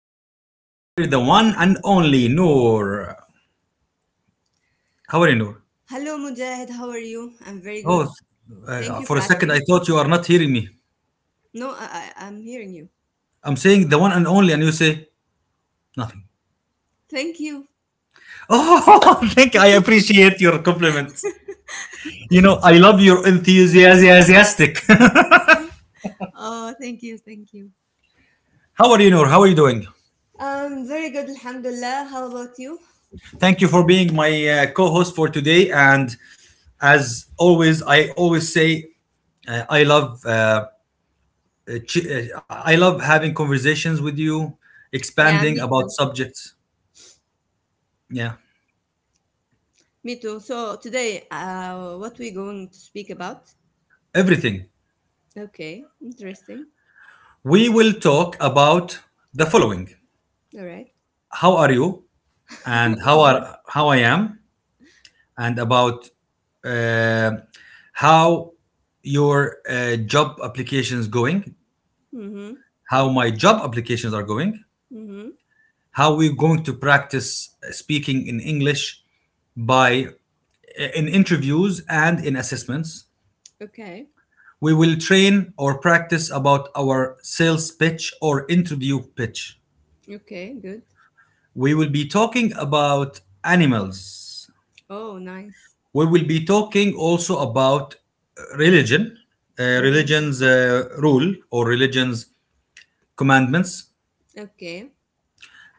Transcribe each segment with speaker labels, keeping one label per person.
Speaker 1: have here the one and only Noor. How are you, Noor?
Speaker 2: Hello, Mujahid. How are you? I'm very
Speaker 1: Oh,
Speaker 2: good. Thank you
Speaker 1: for a
Speaker 2: for
Speaker 1: second, I
Speaker 2: asking.
Speaker 1: thought you are not hearing me.
Speaker 2: No, I'm hearing you.
Speaker 1: I'm saying the one and only, and you say nothing.
Speaker 2: Thank you.
Speaker 1: Oh, thank I appreciate your compliments. You know, I love your enthusiastic.
Speaker 2: Oh, thank you.
Speaker 1: How are you, Noor? How are you doing?
Speaker 2: Very good, Alhamdulillah. How about you?
Speaker 1: Thank you for being my co-host for today. And as always, I always say I love I love having conversations with you,
Speaker 2: Yeah, me
Speaker 1: expanding about
Speaker 2: too.
Speaker 1: subjects. Yeah,
Speaker 2: Me too. So today, what we going to speak about?
Speaker 1: everything.
Speaker 2: Okay, interesting.
Speaker 1: We will talk about the following:
Speaker 2: All right.
Speaker 1: How are you? And
Speaker 2: Good.
Speaker 1: how I am? And about uh, how your job applications going?
Speaker 2: Mm-hmm.
Speaker 1: How my job applications are going?
Speaker 2: Mm-hmm.
Speaker 1: How we're going to practice speaking in English by in interviews and in assessments?
Speaker 2: Okay.
Speaker 1: We will train or practice about our sales pitch or interview pitch.
Speaker 2: Okay. Good.
Speaker 1: We will be talking about animals.
Speaker 2: Oh, nice.
Speaker 1: We will be talking also about religion,
Speaker 2: Mm-hmm.
Speaker 1: religion's rule or religion's commandments.
Speaker 2: Okay.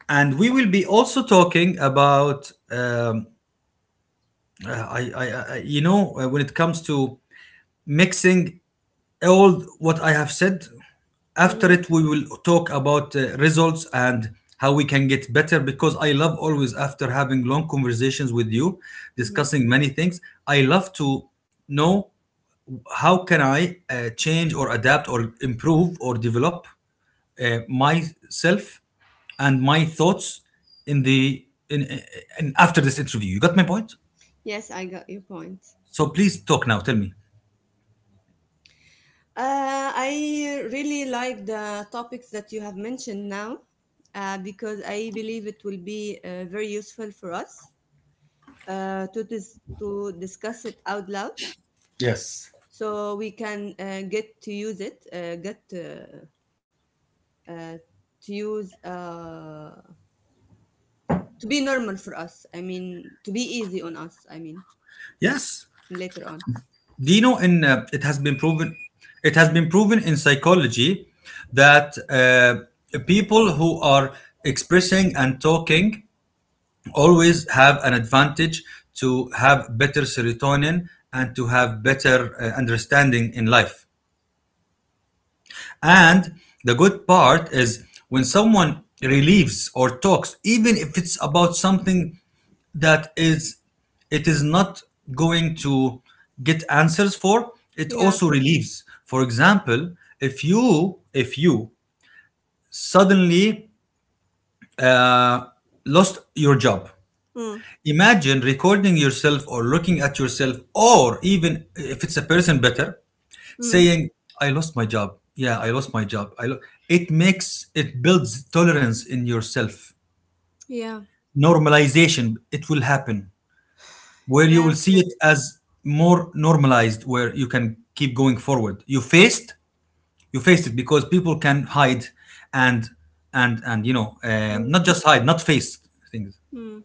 Speaker 1: And we will be also talking about, when it comes to mixing all what I have said. After
Speaker 2: Mm-hmm.
Speaker 1: it, we will talk about results and how we can get better because I love always, after having long conversations with you,
Speaker 2: Mm-hmm.
Speaker 1: discussing many things, I love to know how can I change or adapt or improve or develop myself and my thoughts in the in after this interview. You got my point?
Speaker 2: Yes, I got your point.
Speaker 1: So please talk now. Tell me.
Speaker 2: I really like the topics that you have mentioned now because I believe it will be very useful for us to discuss it out loud
Speaker 1: Yes.
Speaker 2: so we can get to use it, uh, to use, uh, to be normal for us. I mean, to be easy on us, I mean,
Speaker 1: Yes.
Speaker 2: later on.
Speaker 1: Do you know? In it has been proven in psychology that people who are expressing and talking always have an advantage to have better serotonin and to have better understanding in life. And the good part is when someone relieves or talks, even if it's about something that is it is not going to get answers for, it
Speaker 2: Yeah.
Speaker 1: also relieves. For example, if you suddenly uh, lost your job,
Speaker 2: Mm,
Speaker 1: imagine recording yourself or looking at yourself, or even if it's a person better,
Speaker 2: mm.
Speaker 1: saying, I lost my job. Yeah, I lost my job. It makes, it builds tolerance in yourself.
Speaker 2: Yeah.
Speaker 1: Normalization, it will happen, where you
Speaker 2: Yeah.
Speaker 1: will see
Speaker 2: Correct.
Speaker 1: it as more normalized, where you can keep going forward. You faced it, because people can hide and and you know,
Speaker 2: Mm.
Speaker 1: not just hide, not face things.
Speaker 2: Mm.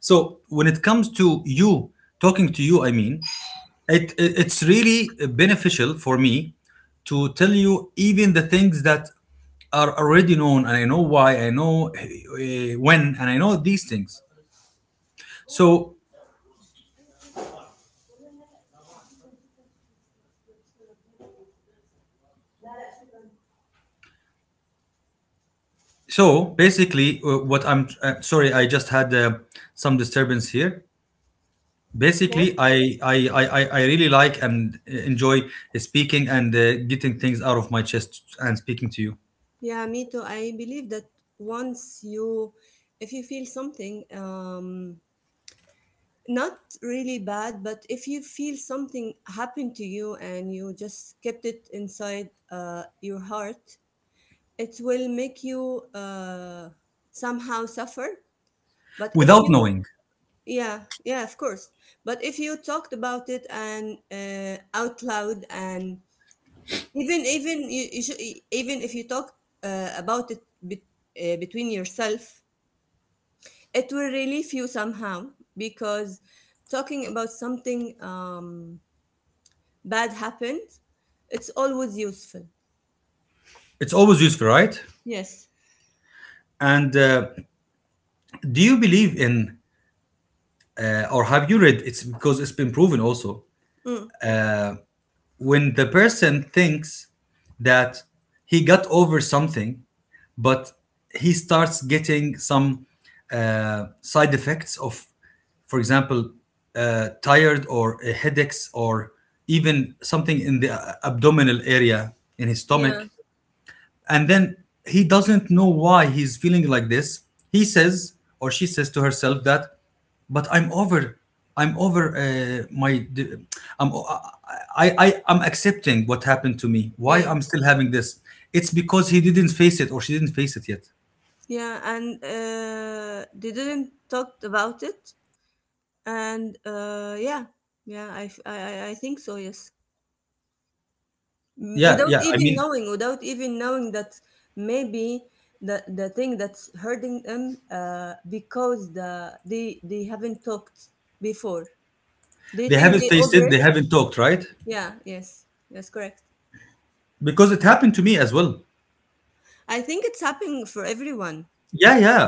Speaker 1: So when it comes to you, talking to you, I mean, it's really beneficial for me to tell you even the things that are already known. And I know why I know, when, and I know these things. so So basically, what I'm sorry, I just had some disturbance here.
Speaker 2: Yeah.
Speaker 1: Basically, I really like and enjoy speaking and getting things out of my chest and speaking to you
Speaker 2: Yeah, me too. I believe that once you, if you feel something, not really bad, but if you feel something happen to you and you just kept it inside your heart, it will make you somehow suffer. But if
Speaker 1: without
Speaker 2: you,
Speaker 1: knowing.
Speaker 2: yeah, yeah, of course. But if you talked about it and out loud and even even you, you should, even if you talk uh, about it bet, between yourself, it will relieve you somehow because talking about something bad happened, it's always useful.
Speaker 1: It's always useful, right?
Speaker 2: Yes.
Speaker 1: And do you believe in or have you read? It's because it's been proven also
Speaker 2: Mm.
Speaker 1: when the person thinks that he got over something, but he starts getting some side effects of, for example, tired or headaches, or even something in the abdominal area in his
Speaker 2: Yeah.
Speaker 1: stomach. And then he doesn't know why he's feeling like this. He says, or she says to herself that, but I'm over my, d- I'm, I, I'm accepting what happened to me. Why
Speaker 2: yeah
Speaker 1: I'm still having this? It's because he didn't face it, or she didn't face it yet.
Speaker 2: yeah and they didn't talk about it, and yeah. yeah I, f- I think so, yes. Mm,
Speaker 1: Yeah,
Speaker 2: without
Speaker 1: yeah. I
Speaker 2: even
Speaker 1: mean,
Speaker 2: knowing, without even knowing that maybe the thing that's hurting them, because they haven't talked before. Do you
Speaker 1: they
Speaker 2: think
Speaker 1: haven't
Speaker 2: they
Speaker 1: faced
Speaker 2: over
Speaker 1: it.
Speaker 2: it?
Speaker 1: They haven't talked, right?
Speaker 2: Yeah, yes, that's correct.
Speaker 1: Because it happened to me as well.
Speaker 2: I think it's happening for everyone.
Speaker 1: Yeah, yeah.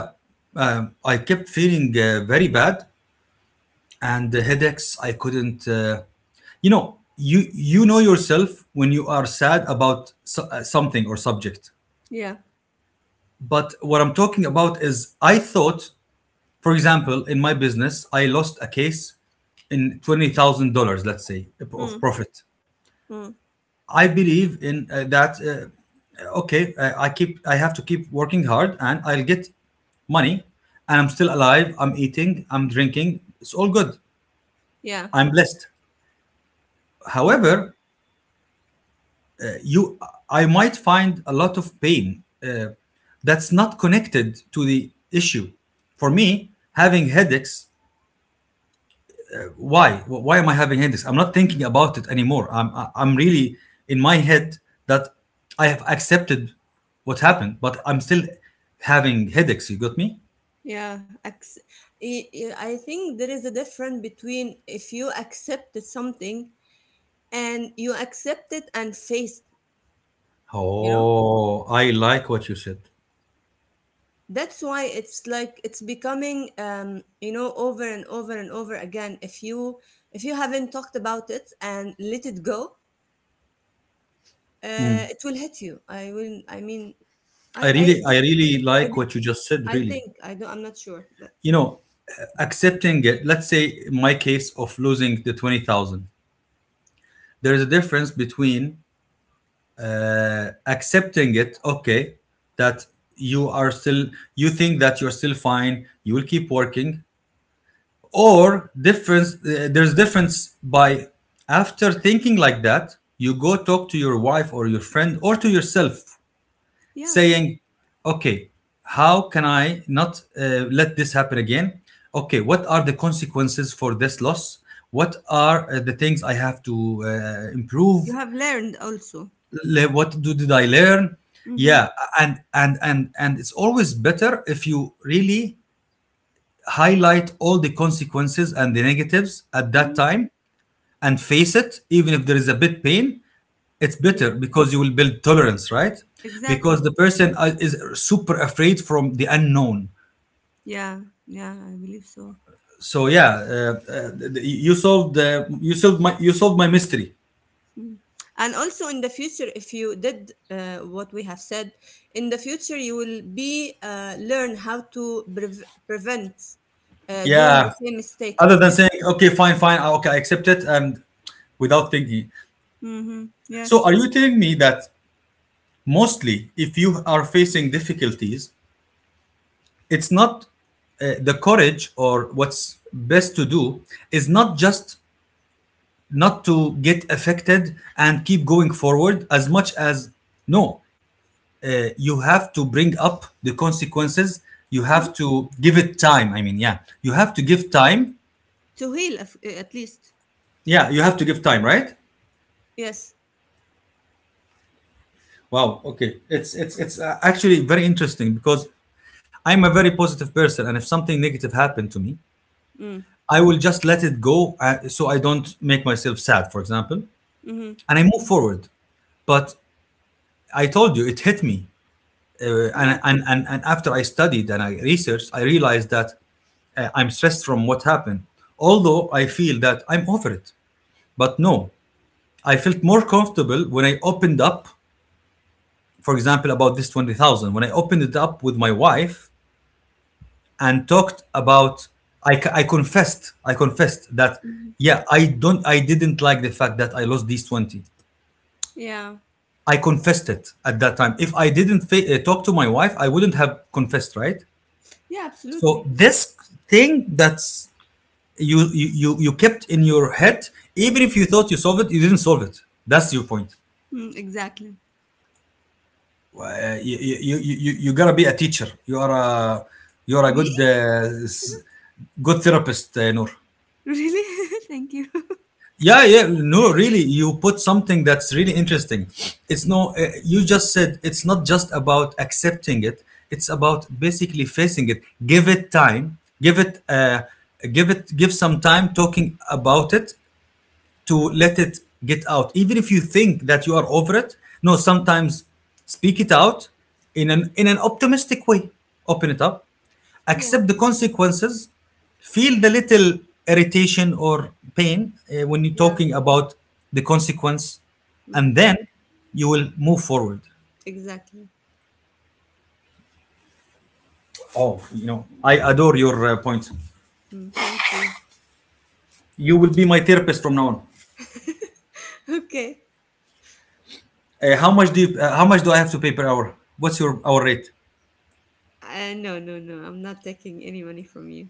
Speaker 1: I kept feeling very bad, and the headaches. I couldn't. You know, you know yourself when you are sad about something or subject.
Speaker 2: Yeah.
Speaker 1: But what I'm talking about is, I thought, for example, in my business, I lost a case in $20,000, let's say, of
Speaker 2: Mm,
Speaker 1: profit.
Speaker 2: mm,
Speaker 1: I believe in that. Okay, I keep. I have to keep working hard, and I'll get money, and I'm still alive. I'm eating. I'm drinking. It's all good.
Speaker 2: yeah.
Speaker 1: I'm blessed.
Speaker 2: Mm,
Speaker 1: However, uh, you, I might find a lot of pain that's not connected to the issue. For me, having headaches, why am I having headaches? I'm not thinking about it anymore. I'm really in my head that I have accepted what happened, but I'm still having headaches. You got me?
Speaker 2: yeah. I think there is a difference between if you accepted something and you accept it and face, you know?
Speaker 1: Oh, I like what you said.
Speaker 2: That's why it's like it's becoming, you know, over and over and over again. If you haven't talked about it and let it go, it will hit you. I will. I mean, I, I
Speaker 1: I
Speaker 2: that's
Speaker 1: really
Speaker 2: I
Speaker 1: like
Speaker 2: be,
Speaker 1: what you just said,
Speaker 2: I
Speaker 1: really.
Speaker 2: think I don't. I'm not sure, but
Speaker 1: You know, accepting it, let's say in my case of losing the 20,000, there is a difference between accepting it, okay, that you are still, you think that you're still fine, you will keep working, or difference, there's difference by. After thinking like that, you go talk to your wife or your friend or to yourself,
Speaker 2: yeah,
Speaker 1: saying, okay, how can I not let this happen again? Okay, what are the consequences for this loss? What are the things I have to
Speaker 2: you
Speaker 1: improve?
Speaker 2: have learned also.
Speaker 1: Did I learn?
Speaker 2: Mm-hmm.
Speaker 1: Yeah. And it's always better if you really highlight all the consequences and the negatives at that
Speaker 2: Mhm.
Speaker 1: time and face it, even if there is a bit pain. It's
Speaker 2: Yeah,
Speaker 1: better because you will build tolerance, right? Because the
Speaker 2: exactly.
Speaker 1: person is super afraid from the unknown.
Speaker 2: Yeah, yeah, I believe so.
Speaker 1: So yeah, you solved my mystery.
Speaker 2: Mm. And also in the future, if you did what we have said, in the future you will be learn how to prevent doing the
Speaker 1: Yeah,
Speaker 2: same mistake
Speaker 1: other
Speaker 2: again.
Speaker 1: than saying okay fine, okay, I accept it, and without thinking.
Speaker 2: Mm-hmm.
Speaker 1: So,
Speaker 2: Yes.
Speaker 1: are you telling me that mostly if you are facing difficulties, it's not the courage, or what's best to do is not just not to get affected and keep going forward as much as, no, you have to bring up the consequences. You
Speaker 2: Mhm.
Speaker 1: have to give it time. I mean, yeah, you have to give time.
Speaker 2: To heal at least.
Speaker 1: Yeah, you have to give time, right?
Speaker 2: Yes.
Speaker 1: Wow. Okay. It's actually very interesting because I'm a very positive person, and if something negative happened to me,
Speaker 2: Mm.
Speaker 1: I will just let it go so I don't make myself sad, for example,
Speaker 2: Mm-hmm.
Speaker 1: and I move forward. But I told you, it hit me.
Speaker 2: Yeah.
Speaker 1: And after I studied and I researched, I realized that I'm stressed from what happened. Although I feel that I'm over it. But no, I felt more comfortable when I opened up, for example, about this 20,000, when I opened it up with my wife and talked about, I confessed that,
Speaker 2: Mhm.
Speaker 1: yeah, I didn't like the fact that I lost these 20.
Speaker 2: Yeah.
Speaker 1: I confessed it at that time. If I didn't talk to my wife, I wouldn't have confessed, right?
Speaker 2: Yeah.
Speaker 1: So
Speaker 2: Absolutely.
Speaker 1: this thing that's you you kept in your head, even if you thought you solved it, you didn't solve it. That's your point.
Speaker 2: Mm, exactly.
Speaker 1: You gotta be a teacher. You are a
Speaker 2: Me.
Speaker 1: good good therapist, Noor.
Speaker 2: Really? Thank you.
Speaker 1: Yeah, yeah. No, really, you put something that's really interesting. It's no, you just said it's not just about accepting it. It's about basically facing it. Give it time. Give it, give some time talking about it, to let it get out, even if you think that you are over it. No, sometimes speak it out in an optimistic way. Open it up.
Speaker 2: Yeah,
Speaker 1: Accept the consequences. Feel the little irritation or pain when you're
Speaker 2: yeah,
Speaker 1: talking about the consequence, and
Speaker 2: mm,
Speaker 1: then you will move forward.
Speaker 2: exactly.
Speaker 1: Oh, you know, I adore your point.
Speaker 2: Mm, thank you.
Speaker 1: You will be my therapist from now on.
Speaker 2: Okay.
Speaker 1: How much do I have to pay per hour? What's your hour rate?
Speaker 2: No, no, no. I'm not taking any money from you.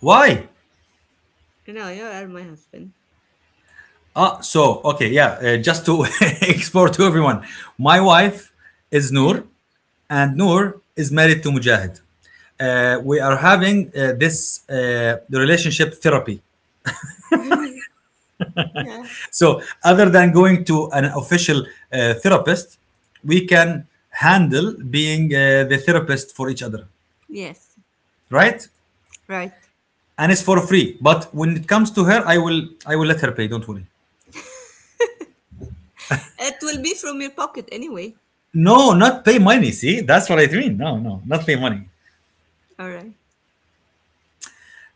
Speaker 1: Why?
Speaker 2: No, you are my husband.
Speaker 1: Ah, so okay, yeah. Just to explore to everyone, my wife is Noor, and Noor is married to Mujahid. We are having this the relationship therapy.
Speaker 2: Yeah.
Speaker 1: So, other than going to an official therapist, we can handle being the therapist for each other,
Speaker 2: Yes,
Speaker 1: right?
Speaker 2: right.
Speaker 1: And it's for free. But when it comes to her, I will let her pay. Don't worry.
Speaker 2: It will be from your pocket anyway.
Speaker 1: No, not pay money. See, that's what I mean. No, no, not pay money.
Speaker 2: All right.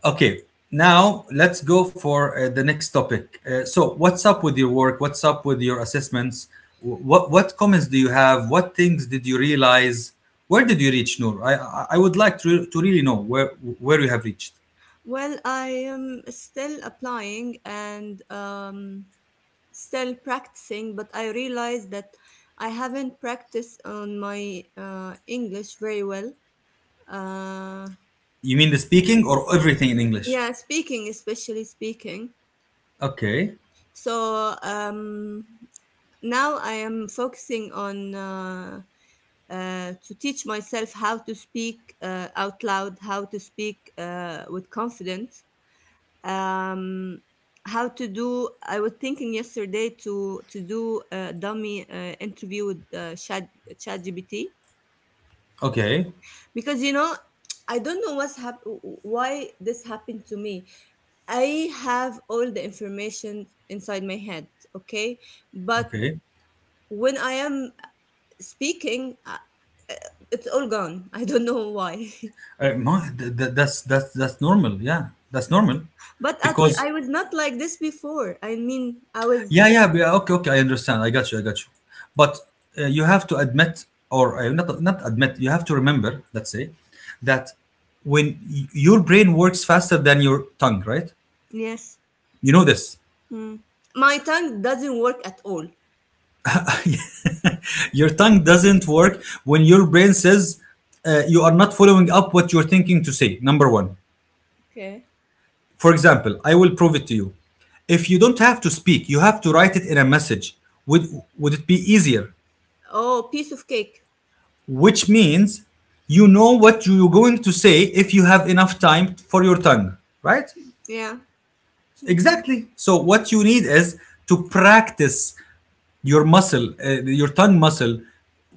Speaker 1: Okay, now let's go for the next topic. So, what's up with your work? What's up with your assessments? What comments do you have? What things did you realize? Where did you reach, Noor? I would like to really know where you have reached.
Speaker 2: Well, I am still applying and still practicing, but I realized that I haven't practiced on my English very well. Uh,
Speaker 1: You mean the speaking or everything in English?
Speaker 2: Yeah, speaking, especially speaking.
Speaker 1: Okay,
Speaker 2: So now I am focusing on to teach myself how to speak out loud, how to speak with confidence, um, how to do. I was thinking yesterday to do a dummy interview with ChatGPT,
Speaker 1: okay,
Speaker 2: because you know, I don't know what's why this happened to me. I have all the information inside my head, okay? But
Speaker 1: okay.
Speaker 2: when I am speaking, it's all gone. I don't know why.
Speaker 1: That's normal. Yeah, that's normal because
Speaker 2: I was not like this before.
Speaker 1: Okay, okay. I understand. I got you. I got you. But you have to admit, or not admit. You have to remember. Let's say that when your brain works faster than your tongue, right?
Speaker 2: Yes.
Speaker 1: You know this.
Speaker 2: Mm. My tongue doesn't work at all.
Speaker 1: Your tongue doesn't work when your brain says you are not following up what you're thinking to say. Number one.
Speaker 2: Okay.
Speaker 1: For example, I will prove it to you. If you don't have to speak, you have to write it in a message. Would would it be easier?
Speaker 2: Oh, piece of cake.
Speaker 1: Which means you know what you're going to say if you have enough time for your tongue, right?
Speaker 2: Yeah, I think.
Speaker 1: Exactly. So what you need is to practice your muscle, your tongue muscle,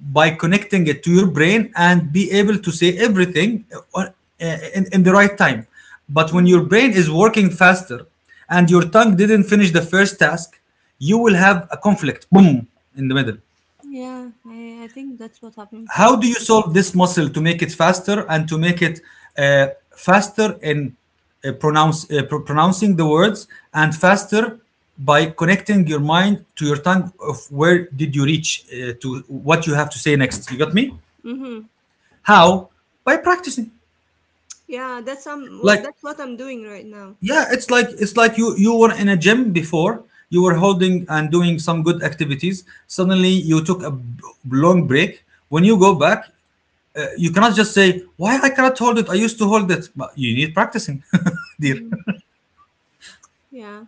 Speaker 1: by connecting it to your brain and be able to say everything uh, uh, in the right time. But when
Speaker 2: Mm.
Speaker 1: your brain is working faster and your tongue didn't finish the first task, you will have a conflict, boom, in the middle.
Speaker 2: Yeah, I think that's what's happening to
Speaker 1: How
Speaker 2: me.
Speaker 1: do you solve this muscle to make it faster and to make it uh, faster in pronouncing the words and faster by connecting your mind to your tongue of where did you reach to what you have to say next. You got me?
Speaker 2: Mm-hmm.
Speaker 1: How? By practicing.
Speaker 2: Yeah, that's what
Speaker 1: Like,
Speaker 2: that's what I'm doing right now.
Speaker 1: yeah, it's like you were in a gym before, you were holding and doing some good activities. Suddenly you took a long break. When you go back, you cannot just say why I cannot hold it. I used to hold it, but you need practicing. Dear,
Speaker 2: Mm. Yeah.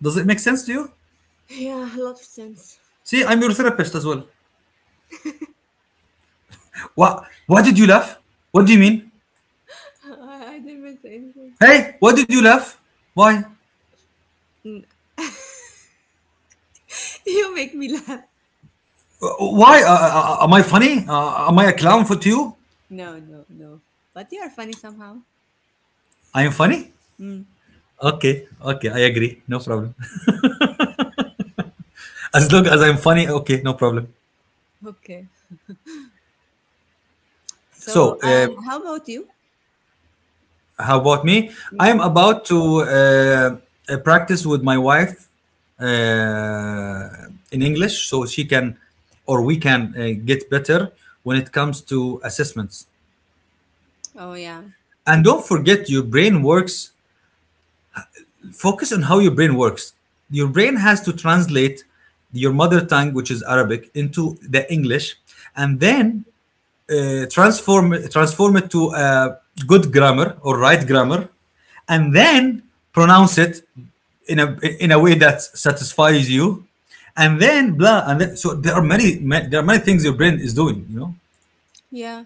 Speaker 1: does it make sense to you?
Speaker 2: Yeah, a lot of sense.
Speaker 1: See, I'm your therapist as well. What, why did you laugh? What do you mean?
Speaker 2: I didn't even say anything.
Speaker 1: Hey, why did you laugh? Why?
Speaker 2: Mm. You make me laugh.
Speaker 1: Uh, why am I funny? Am I a clown for to you?
Speaker 2: No, no, no. But you are funny somehow.
Speaker 1: I am funny.
Speaker 2: Mm.
Speaker 1: Okay. Okay, I agree. No problem. As long as I'm funny, okay, no problem.
Speaker 2: Okay. So,
Speaker 1: So uh,
Speaker 2: and how about you?
Speaker 1: how about me? I am
Speaker 2: Hmm.
Speaker 1: about to practice with my wife uh, in English so she can, or we can get better when it comes to assessments.
Speaker 2: Oh yeah,
Speaker 1: And don't forget, your brain works, focus on how your brain works. Your brain has to translate your mother tongue, which is Arabic, into the English. And then transform it to a good grammar or right grammar, and then pronounce it in a way that satisfies you, and then blah. And then, so there are many, many there are many things your brain is doing. You know,
Speaker 2: yeah.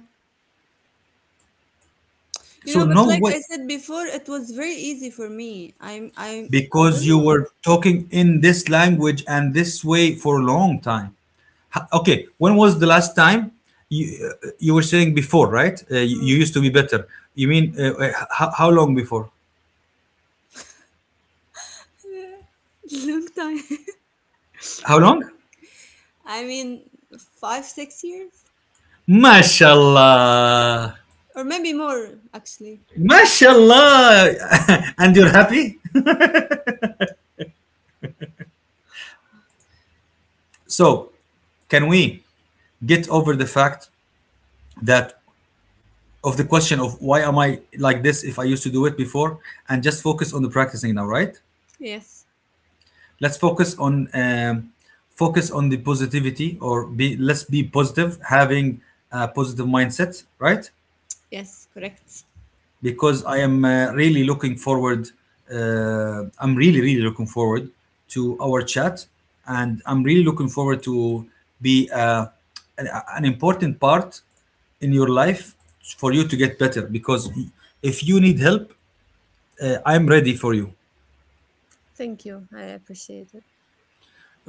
Speaker 2: You
Speaker 1: so
Speaker 2: know, but
Speaker 1: no
Speaker 2: like
Speaker 1: way.
Speaker 2: I said before, it was very easy for me. I
Speaker 1: Because
Speaker 2: don't
Speaker 1: you
Speaker 2: know.
Speaker 1: were talking in this language and this way for a long time. Okay, when was the last time you, you were saying before, right? You
Speaker 2: Mm.
Speaker 1: used to be better. You mean how long before?
Speaker 2: Long time.
Speaker 1: How long?
Speaker 2: I mean, five, 6 years,
Speaker 1: Mashallah.
Speaker 2: or maybe more actually.
Speaker 1: Mashallah. And you're happy. So can we get over the fact that, of the question of why am I like this if I used to do it before, and just focus on the practicing now, right?
Speaker 2: Yes,
Speaker 1: Let's focus on focus on the positivity, or be let's be positive, having a positive mindset, right?
Speaker 2: yes, correct.
Speaker 1: Because I am really looking forward. I'm really looking forward to our chat, and I'm really looking forward to be an, an important part in your life for you to get better. Because if you need help, I'm ready for you.
Speaker 2: Thank you. I appreciate it.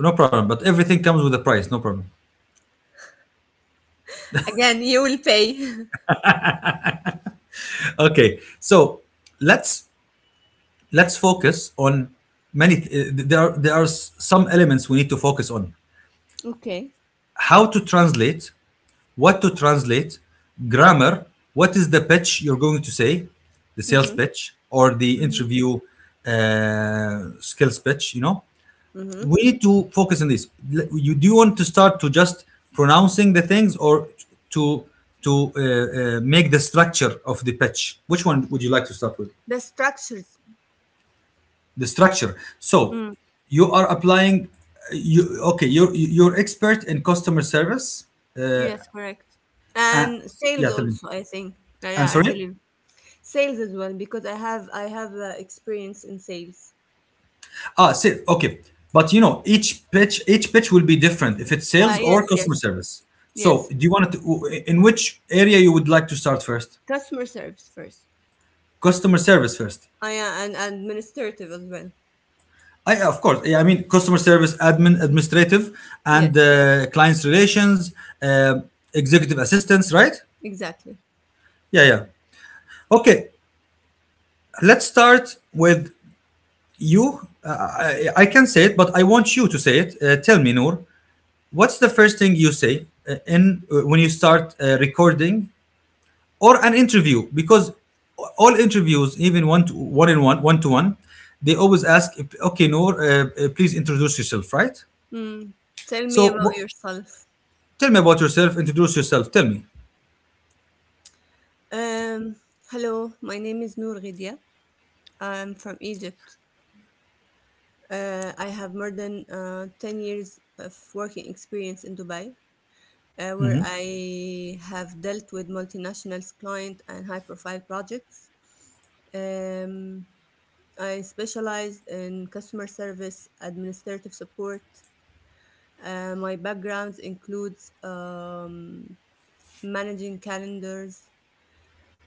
Speaker 1: No problem. But everything comes with a price. No problem.
Speaker 2: Again, you will pay.
Speaker 1: Okay, so let's let's focus on many. Th- there are some elements we need to focus on.
Speaker 2: Okay.
Speaker 1: How to translate, what to translate, grammar, what is the pitch you're going to say, the sales
Speaker 2: Mm-hmm.
Speaker 1: pitch or the
Speaker 2: Mm-hmm.
Speaker 1: interview skills pitch, you know?
Speaker 2: Mm-hmm.
Speaker 1: We need to focus on this. You Do you want to start to just pronouncing the things, or to make the structure of the pitch? Which one would you like to start with?
Speaker 2: The structures.
Speaker 1: The structure. So
Speaker 2: Mm.
Speaker 1: you are applying. You Okay? You're expert in customer service.
Speaker 2: Yes, correct.
Speaker 1: Uh,
Speaker 2: And sales
Speaker 1: yeah, tell me.
Speaker 2: also, I think. Yeah,
Speaker 1: And
Speaker 2: yeah, I
Speaker 1: sorry.
Speaker 2: believe sales as well because I have experience in sales.
Speaker 1: Ah, sale. Okay. But you know, each pitch will be different if it's sales
Speaker 2: Uh, yes,
Speaker 1: or customer
Speaker 2: yes,
Speaker 1: service. So,
Speaker 2: yes.
Speaker 1: do you want to, in which area you would like to start first?
Speaker 2: Customer service first.
Speaker 1: Customer service first.
Speaker 2: I and administrative as well.
Speaker 1: I, of course, I mean customer service, administrative, and
Speaker 2: Yes,
Speaker 1: clients relations, uh, executive assistance, right?
Speaker 2: exactly.
Speaker 1: Yeah, yeah. Okay, let's start with you. I can say it, but I want you to say it. Tell me, Noor, what's the first thing you say in when you start recording or an interview? Because all interviews, even one to one, in one one to one, they always ask, okay, Noor, please introduce yourself, right?
Speaker 2: Mm. Tell me
Speaker 1: so
Speaker 2: about
Speaker 1: wh-
Speaker 2: yourself.
Speaker 1: Tell me about yourself, introduce yourself, tell me.
Speaker 2: Um, Hello, my name is Noor Ghidia. I'm from Egypt. I have more than 10 years of working experience in Dubai, where
Speaker 1: Hmm.
Speaker 2: I have dealt with multinationals, client, and high-profile projects. Um, I specialized in customer service, administrative support. My background includes managing calendars,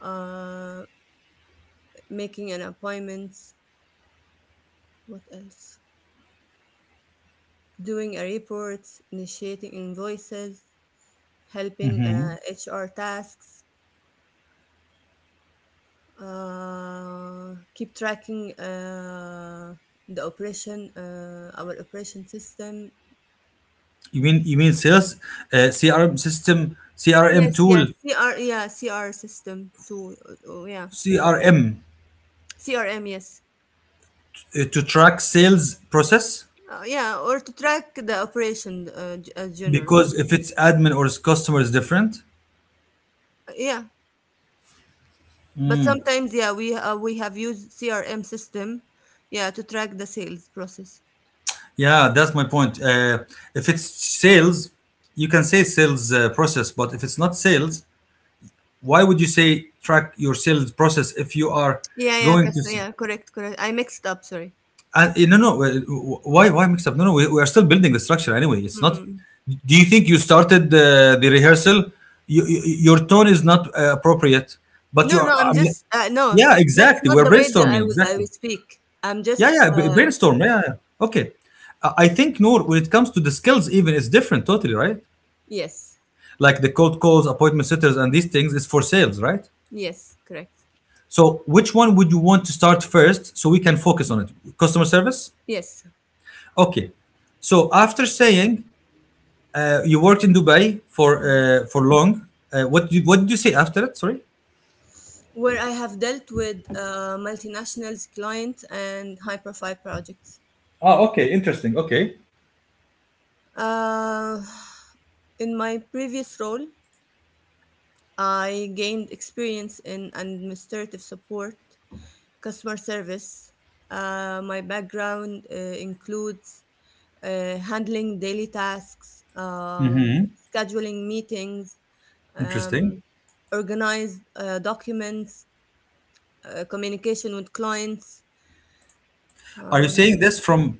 Speaker 2: uh, making an appointment. What else? Doing a report, initiating invoices, helping HR tasks, keep tracking the operation, our operation system.
Speaker 1: You mean sales, CRM system, CRM
Speaker 2: Yes,
Speaker 1: tool.
Speaker 2: yes, CR system to, oh, yeah,
Speaker 1: CRM,
Speaker 2: CRM, yes,
Speaker 1: to track sales process.
Speaker 2: yeah, or to track the operation general.
Speaker 1: Because if it's admin or it's customer is different.
Speaker 2: Yeah. But sometimes, yeah, we have used CRM system, yeah, to track the sales process.
Speaker 1: Yeah, that's my point. If it's sales, you can say sales process. But if it's not sales, why would you say track your sales process if you are going to
Speaker 2: Yeah, correct, correct. I mixed up. Sorry.
Speaker 1: no, no. Why mix up? No, no, we, we are still building the structure anyway, it's not.
Speaker 2: Mm-mm.
Speaker 1: Do you think you started the rehearsal? You, your tone is not appropriate, but you
Speaker 2: No,
Speaker 1: are
Speaker 2: no, I'm
Speaker 1: I'm.
Speaker 2: just no.
Speaker 1: Yeah,
Speaker 2: That's
Speaker 1: exactly,
Speaker 2: not
Speaker 1: we're
Speaker 2: the way that
Speaker 1: brainstorming,
Speaker 2: I will
Speaker 1: exactly.
Speaker 2: speak. I'm just
Speaker 1: Brainstorm, yeah, yeah. Okay. I think, Noor, when it comes to the skills, even it's different totally, right?
Speaker 2: yes,
Speaker 1: Like the cold calls, appointment setters and these things is for sales, right?
Speaker 2: yes, correct.
Speaker 1: So, which one would you want to start first so we can focus on it? Customer service?
Speaker 2: Yes,
Speaker 1: Okay. So, after saying you worked in Dubai for long, what did you say after that? Sorry?
Speaker 2: where I have dealt with multinationals, clients, and high profile projects.
Speaker 1: Oh, okay. Interesting. Okay.
Speaker 2: Uh, in my previous role, I gained experience in administrative support, customer service. My background includes handling daily tasks, scheduling meetings,
Speaker 1: Interesting.
Speaker 2: um, organize documents, communication with clients.
Speaker 1: Are you saying this from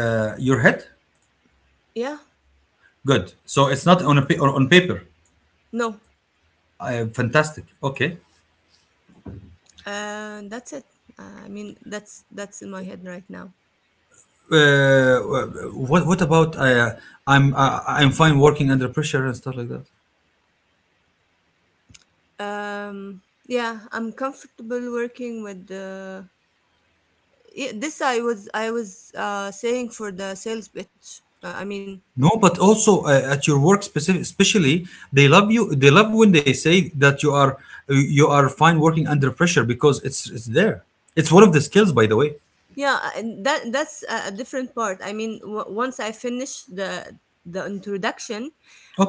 Speaker 1: your head?
Speaker 2: Yeah,
Speaker 1: Good. So, it's not on, a on paper.
Speaker 2: no,
Speaker 1: Fantastic. Okay.
Speaker 2: that's it. I mean, that's in my head right now.
Speaker 1: Uh, what about I'm fine working under pressure and stuff like that?
Speaker 2: Yeah, I'm comfortable working with. Yeah, this I was saying for the sales pitch. I mean,
Speaker 1: No, but also at your work, especially they love you. They love when they say that you are, you are fine working under pressure because it's there. It's one of the skills, by the way.
Speaker 2: yeah, and that that's a different part. I mean, once I finish the introduction,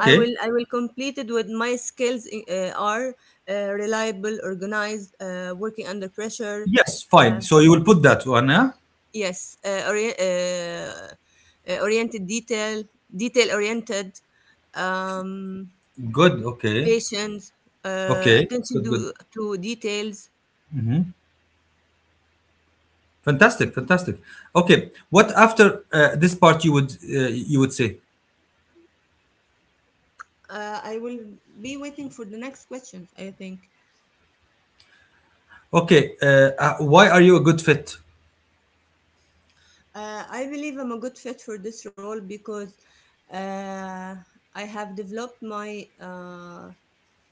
Speaker 2: I will complete it with my skills are reliable, organized, working under pressure.
Speaker 1: Yes, fine.
Speaker 2: Uh,
Speaker 1: So you will put that one, huh?
Speaker 2: yes, uh, ori- uh, uh, oriented detail, detail oriented, um,
Speaker 1: Good. Okay.
Speaker 2: patient,
Speaker 1: Okay.
Speaker 2: attention
Speaker 1: Good.
Speaker 2: to
Speaker 1: Good.
Speaker 2: to details. That's it.
Speaker 1: Fantastic. Fantastic. Okay. What after this part you would say?
Speaker 2: I will be waiting for the next questions, I think.
Speaker 1: Okay. Why are you a good fit?
Speaker 2: I believe I'm a good fit for this role because uh, I have developed my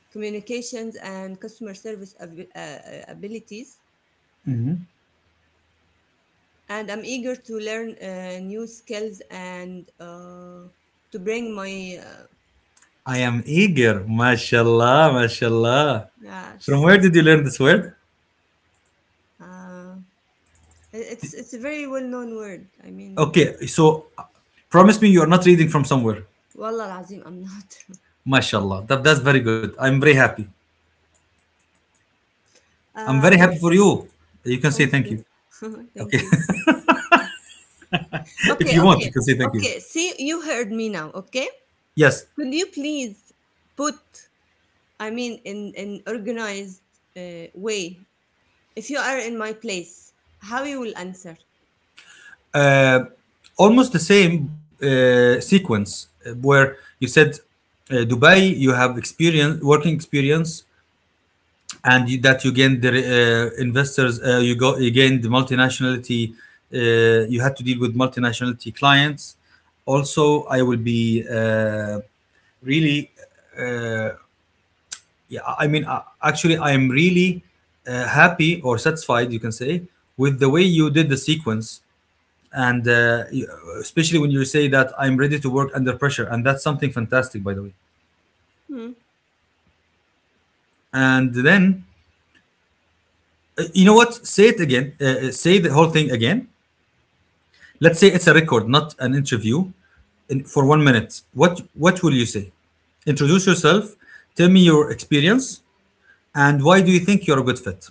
Speaker 2: communications and customer service abilities, and I'm eager to learn new skills and to bring my
Speaker 1: I am eager. Mashallah. Mashallah.
Speaker 2: yeah.
Speaker 1: From where did you learn this word?
Speaker 2: Uh, it's a very well known word. I mean,
Speaker 1: Okay, so promise me you are not reading from somewhere.
Speaker 2: wallah العظيم, I'm not.
Speaker 1: MashaAllah. That's very good. I'm very happy. I'm
Speaker 2: Uh,
Speaker 1: very happy for you. You can say
Speaker 2: thank
Speaker 1: thank
Speaker 2: you,
Speaker 1: you.
Speaker 2: thank
Speaker 1: Okay.
Speaker 2: you.
Speaker 1: If
Speaker 2: Okay,
Speaker 1: you want,
Speaker 2: okay,
Speaker 1: you can say thank you.
Speaker 2: okay. See, you heard me now. Okay.
Speaker 1: Yes.
Speaker 2: Could you please put, I mean, in an organized way, if you are in my place, how you will answer?
Speaker 1: Uh, almost the same sequence where you said Dubai, you have experience, working experience, and you, that you gained the investors you go you gained the multinationality you had to deal with multinationality clients. Also I will be really uh, yeah, I mean, actually I am really happy or satisfied, you can say, with the way you did the sequence, and especially when you say that I'm ready to work under pressure, and that's something fantastic, by the way.
Speaker 2: Hmm.
Speaker 1: And then, you know what, say it again, say the whole thing again. Let's say it's a record, not an interview, in, for 1 minute, what will you say? Introduce yourself, tell me your experience, and why do you think you're a good fit?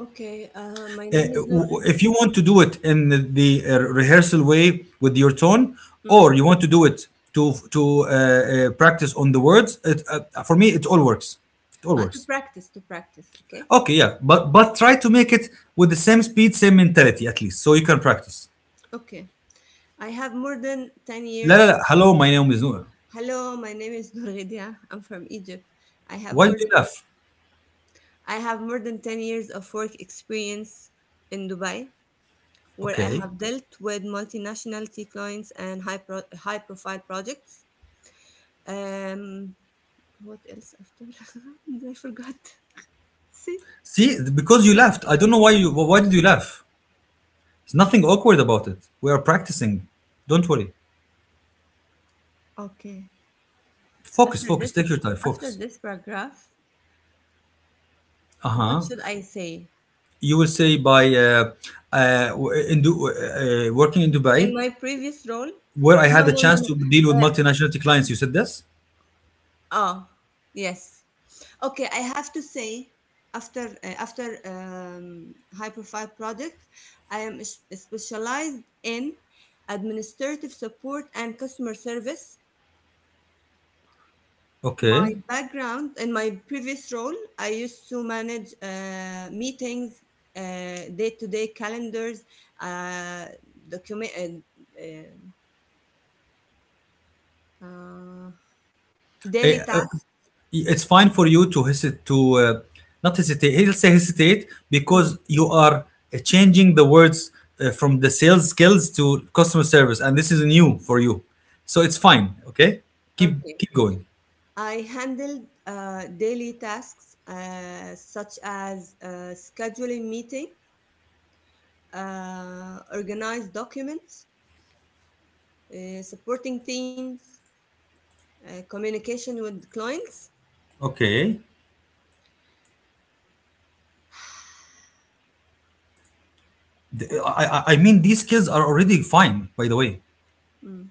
Speaker 2: Okay. My
Speaker 1: Uh,
Speaker 2: name is Nur Ghidi.
Speaker 1: if you want to do it in the rehearsal way with your tone,
Speaker 2: Hmm.
Speaker 1: or you want to do it to practice on the words, for me it all works. It all
Speaker 2: To
Speaker 1: works.
Speaker 2: practice, to practice. Okay.
Speaker 1: Okay, yeah, but try to make it with the same speed, same mentality at least, so you can practice.
Speaker 2: Okay. I have more than 10
Speaker 1: La la
Speaker 2: years.
Speaker 1: la. Hello, my name is Noor.
Speaker 2: Hello, my name is Nur Ghidia. I'm from Egypt. I have
Speaker 1: Why do
Speaker 2: more
Speaker 1: you
Speaker 2: than
Speaker 1: laugh?
Speaker 2: I have more than 10 years of work experience in Dubai, where I
Speaker 1: Okay.
Speaker 2: have dealt with multinational clients and high profile projects. Um, what else after? I forgot. See?
Speaker 1: See, because you laughed. I don't know why did you laugh? There's nothing awkward about it. We are practicing. Don't worry.
Speaker 2: Okay.
Speaker 1: Focus,
Speaker 2: After
Speaker 1: focus.
Speaker 2: this,
Speaker 1: Take your time.
Speaker 2: after
Speaker 1: Focus.
Speaker 2: this paragraph, what
Speaker 1: Uh-huh.
Speaker 2: should I say?
Speaker 1: You will say by uh, working in
Speaker 2: In
Speaker 1: Dubai,
Speaker 2: my previous role?
Speaker 1: where I
Speaker 2: No,
Speaker 1: had the
Speaker 2: no, no,
Speaker 1: chance
Speaker 2: no.
Speaker 1: to deal with
Speaker 2: Uh,
Speaker 1: multinational clients. You said this?
Speaker 2: oh, yes. Okay, I have to say after Hyperfive project, I am specialized in administrative support and customer service. My
Speaker 1: Okay.
Speaker 2: background, in my previous role, I used to manage meetings, day-to-day calendars, uh, document, uh, uh, daily
Speaker 1: Uh,
Speaker 2: tasks.
Speaker 1: it's fine for you to hesitate to not hesitate he'll say hesitate because
Speaker 2: Mm,
Speaker 1: you are changing the words from the sales skills to customer service, and this is new for you, so it's fine. Okay, keep
Speaker 2: okay,
Speaker 1: keep going.
Speaker 2: I handled daily tasks such as scheduling meetings, organized documents, supporting teams, communication with clients.
Speaker 1: Okay. I mean these skills are already fine, by the way.
Speaker 2: Mm,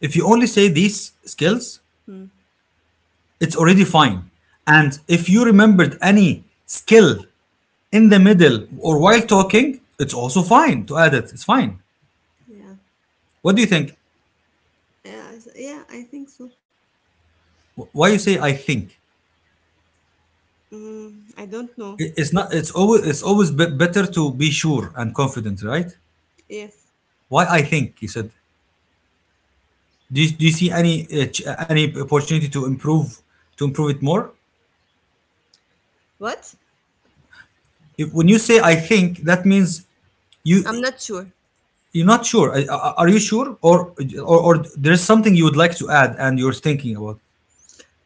Speaker 1: If you only say these skills,
Speaker 2: mm,
Speaker 1: it's already fine. And if you remembered any skill in the middle or while talking, it's also fine to add It's fine.
Speaker 2: yeah.
Speaker 1: What do you think?
Speaker 2: Yeah, yeah, I think so.
Speaker 1: Why you say "I think"?
Speaker 2: Mm, I don't know.
Speaker 1: It's not. It's always better to be sure and confident, right?
Speaker 2: Yes.
Speaker 1: "Why I think?" you said. Do you see any any opportunity to improve it more?
Speaker 2: What?
Speaker 1: If, when you say "I think", that means you
Speaker 2: I'm not sure.
Speaker 1: you're not sure. Are you sure, or or there's something you would like to add and you're thinking about,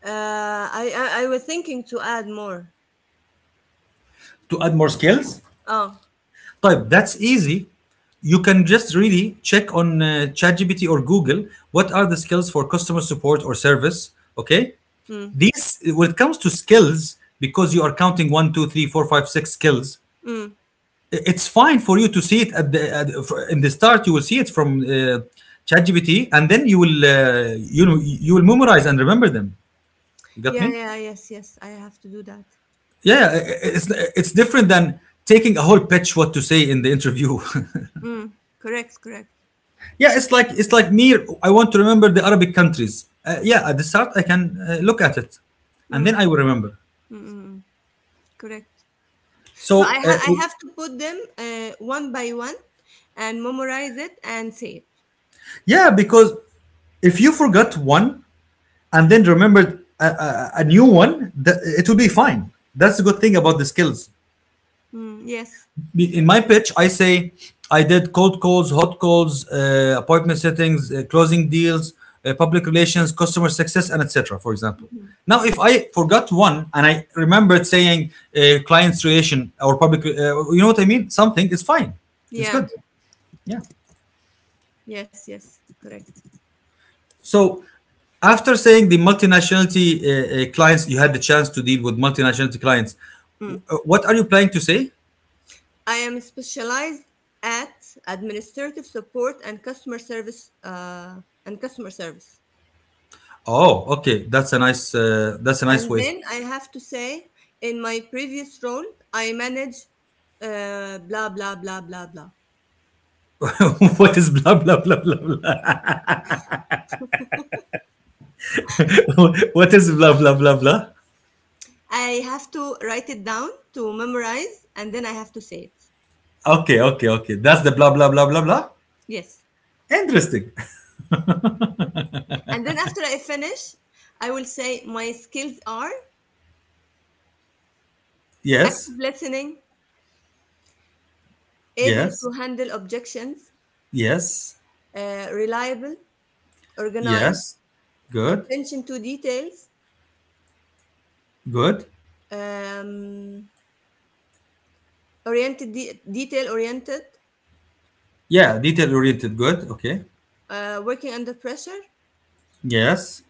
Speaker 2: I was thinking to add more.
Speaker 1: to add more skills?
Speaker 2: Oh.
Speaker 1: Type. That's easy. You can just really check on ChatGPT or Google what are the skills for customer support or service. Okay,
Speaker 2: Mm,
Speaker 1: these, when it comes to skills, because you are counting one two three four five six skills.
Speaker 2: mm.
Speaker 1: It's fine for you to see it at the in the start. You will see it from ChatGPT, and then you will you will memorize and remember them. You got
Speaker 2: Yeah,
Speaker 1: me?
Speaker 2: yeah, yes, yes. I have to do that.
Speaker 1: Yeah, yeah, it's different than taking a whole pitch what to say in the interview.
Speaker 2: Mm, correct, correct.
Speaker 1: Yeah, it's like me. I want to remember the Arabic countries. Yeah, at the start I can look at it, and
Speaker 2: Mm,
Speaker 1: then
Speaker 2: mm,
Speaker 1: I will remember.
Speaker 2: mm, mm, correct. So
Speaker 1: So, uh,
Speaker 2: I have to put them one by one, and memorize it and say it.
Speaker 1: yeah, because if you forgot one and then remembered a new one, that it will be fine. That's the good thing about the skills.
Speaker 2: Mm, yes, I
Speaker 1: In my
Speaker 2: believe.
Speaker 1: pitch, I say I did cold calls, hot calls, appointment settings, closing deals, public relations, customer success, and etc. For example.
Speaker 2: Mhm.
Speaker 1: Now, if I forgot one and I remembered saying clients relation or public, you know what I mean? Something is fine. It's
Speaker 2: Yeah.
Speaker 1: good. Yeah.
Speaker 2: Yes. Yes. Correct.
Speaker 1: So, after saying the multinationality clients, you had the chance to deal with multinationality clients. What are you planning to say?
Speaker 2: I am specialized at administrative support and customer service and customer service.
Speaker 1: Oh, okay, that's a nice
Speaker 2: And
Speaker 1: way.
Speaker 2: then I have to say, in my previous role, I manage blah blah blah blah blah.
Speaker 1: What is blah blah blah blah blah? What is blah blah blah blah?
Speaker 2: I have to write it down to memorize, and then I have to say it.
Speaker 1: Okay, okay, okay. That's the blah blah blah blah blah.
Speaker 2: Yes.
Speaker 1: Interesting.
Speaker 2: And then after I finish, I will say my skills are
Speaker 1: Yes,
Speaker 2: active listening, able
Speaker 1: yes,
Speaker 2: to handle objections,
Speaker 1: yes,
Speaker 2: reliable, organized,
Speaker 1: yes. Good,
Speaker 2: attention to details,
Speaker 1: good.
Speaker 2: um, detail oriented,
Speaker 1: Yeah, detail oriented. Good. Okay.
Speaker 2: working under pressure,
Speaker 1: Yes.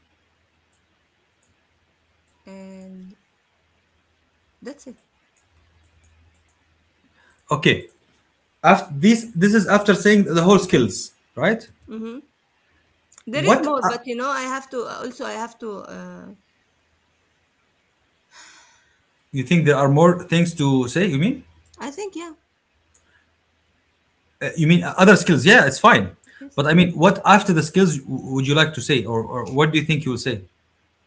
Speaker 2: and that's it.
Speaker 1: Okay. After this, this is after saying the whole skills, right?
Speaker 2: Hmm. There is
Speaker 1: What
Speaker 2: more,
Speaker 1: are...
Speaker 2: but you know, I have to also. I have to. Uh,
Speaker 1: you think there are more things to say, you mean?
Speaker 2: I think yeah,
Speaker 1: You mean other skills? Yeah, it's fine. But
Speaker 2: yes.
Speaker 1: I mean, what after the skills would you like to say, or what do you think you will say?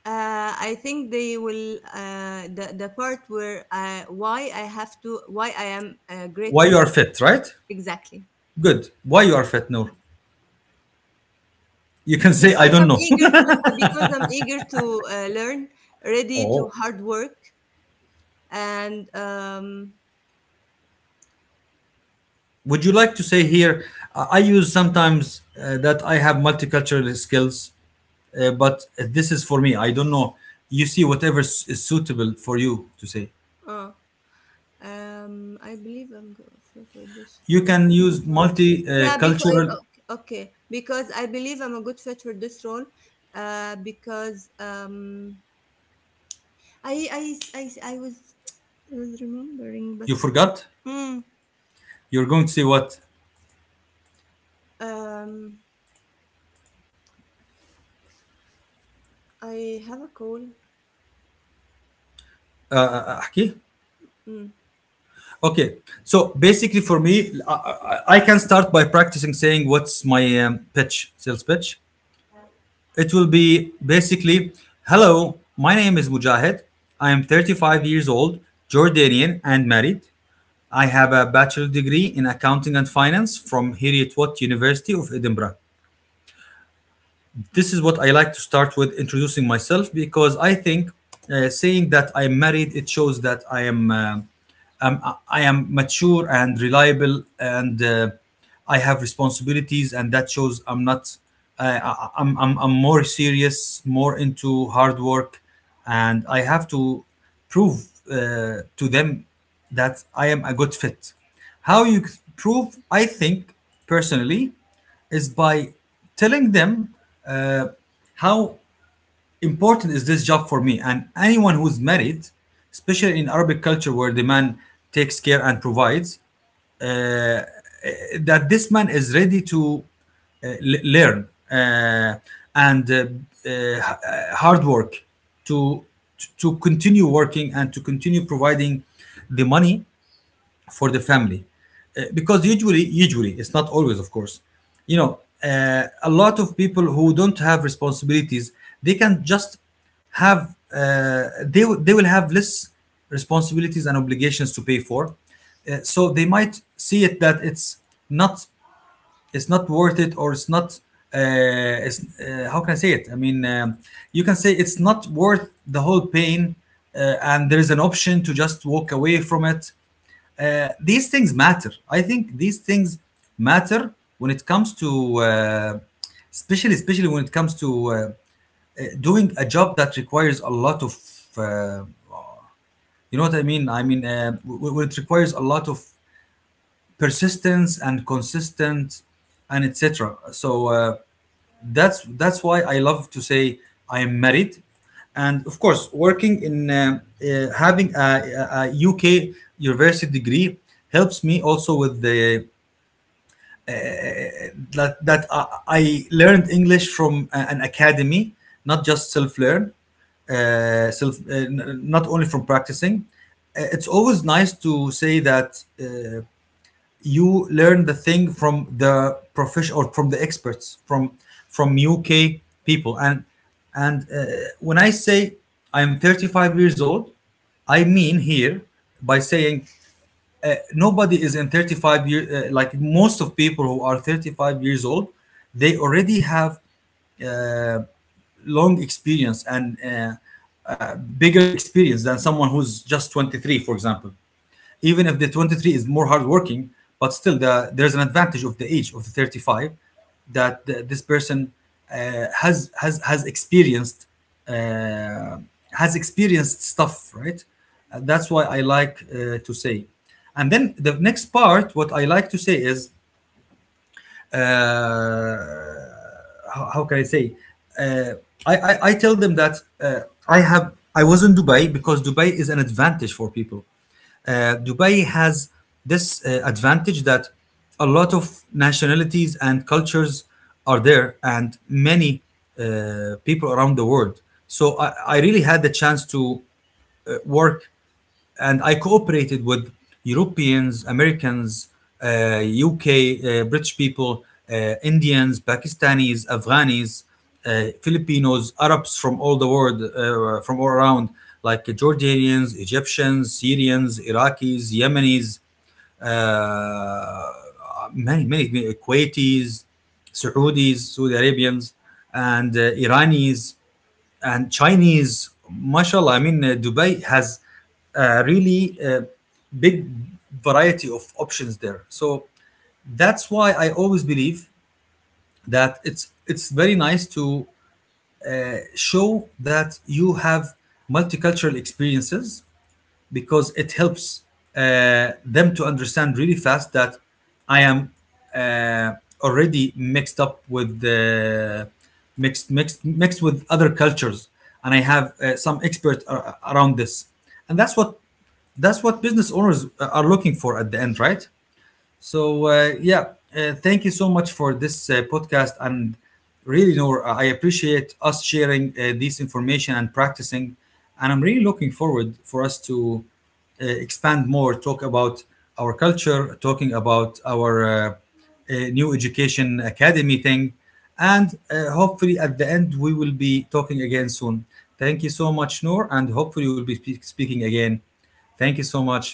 Speaker 2: I think they will. The part where I, why I have to why I am
Speaker 1: Why
Speaker 2: grateful
Speaker 1: you are fit, right?
Speaker 2: exactly
Speaker 1: Good. Why you are fit? No, you can say "I
Speaker 2: because
Speaker 1: don't
Speaker 2: I'm
Speaker 1: know".
Speaker 2: eager to learn, ready to
Speaker 1: Oh.
Speaker 2: hard work, and
Speaker 1: Would you like to say here? I use sometimes that I have multicultural skills. But this is for me, I don't know. You see, whatever is suitable for you to say.
Speaker 2: uh, I believe I'm gonna offer for this
Speaker 1: You
Speaker 2: role
Speaker 1: can use
Speaker 2: because yeah, because okay,
Speaker 1: multicultural.
Speaker 2: okay, because I believe I'm a good fit for this role. Because I I I, I was remembering, but
Speaker 1: You forgot?
Speaker 2: mm,
Speaker 1: You're going to say what?
Speaker 2: um, I have a call.
Speaker 1: أحكي?
Speaker 2: Mm.
Speaker 1: Okay. So basically, for me, can start by practicing saying what's my pitch, sales pitch. It will be basically, "Hello, my name is Mujahid. I am 35 years old, Jordanian, and married. I have a bachelor degree in accounting and finance from Heriot Watt University of Edinburgh." This is what I like to start with introducing myself, because I think saying that I am married, it shows that I am mature and reliable, and I have responsibilities, and that shows I'm not. Uh, I, I, am I'm I'm more serious, more into hard work, and I have to prove to them that I am a good fit. How you prove? I think, personally, is by telling them uh, how important is this job for me, and anyone who's married, especially in Arabic culture where the man takes care and provides, uh, uh, that this man is ready to learn, and hard work, to continue working, and to continue providing the money for the family. Uh, because usually it's not always, of course. you know uh, a lot of people who don't have responsibilities, they can just have, uh, they will have less responsibilities and obligations to pay for. So they might see it, that not it's not worth it, or it's not, how can I say it, I mean, you can say it's not worth the whole pain, and there is an option to just walk away from it. These things matter. I think these things matter when it comes to, especially when it comes to doing a job that requires a lot of, uh, you know what I mean. I mean, when it requires a lot of persistence and consistent and etc. So, that's why I love to say I am married, and of course working in having a UK university degree helps me also with the, that I learned English from an academy, not just self-learn, not only from practicing. It's always nice to say that you learn the thing from the profession or from the experts from from UK people. And when I say I am 35 years old, I mean here by saying nobody is in 35 years. Like most of people who are 35 years old, they already have uh, long experience, and bigger experience than someone who's just 23, for example. Even if the 23 is more hardworking, but still the, there's an advantage of the age of the 35, that the, this person uh, has has has experienced uh, has experienced stuff, right? And that's why I like to say. And then the next part, what I like to say is, uh, how can I say? Uh, I tell them that I was in Dubai, because Dubai is an advantage for people. Dubai has this advantage that a lot of nationalities and cultures are there, and many people around the world. So I really had the chance to work, and I cooperated with Europeans, Americans, UK, British people, Indians, Pakistanis, Afghanis, Filipinos, Arabs from all the world, from all around, like Jordanians, Egyptians, Syrians, Iraqis, Yemenis, uh, many, many Kuwaitis, Saudis, Saudi Arabians, and Iranis and Chinese, mashallah, I mean, Dubai has a really uh, big variety of options there. So that's why I always believe that it's very nice to show that you have multicultural experiences, because it helps them to understand really fast that I am uh, already mixed up with the mixed with other cultures, and I have some expert around this, and that's what business owners are looking for at the end, right? So, yeah, thank you so much for this podcast. And really, Noor, I appreciate us sharing this information and practicing. And I'm really looking forward for us to expand more, talk about our culture, talking about our new education academy thing, and hopefully at the end we will be talking again soon. Thank you so much, Noor, and hopefully we'll be speaking again. Thank you so much.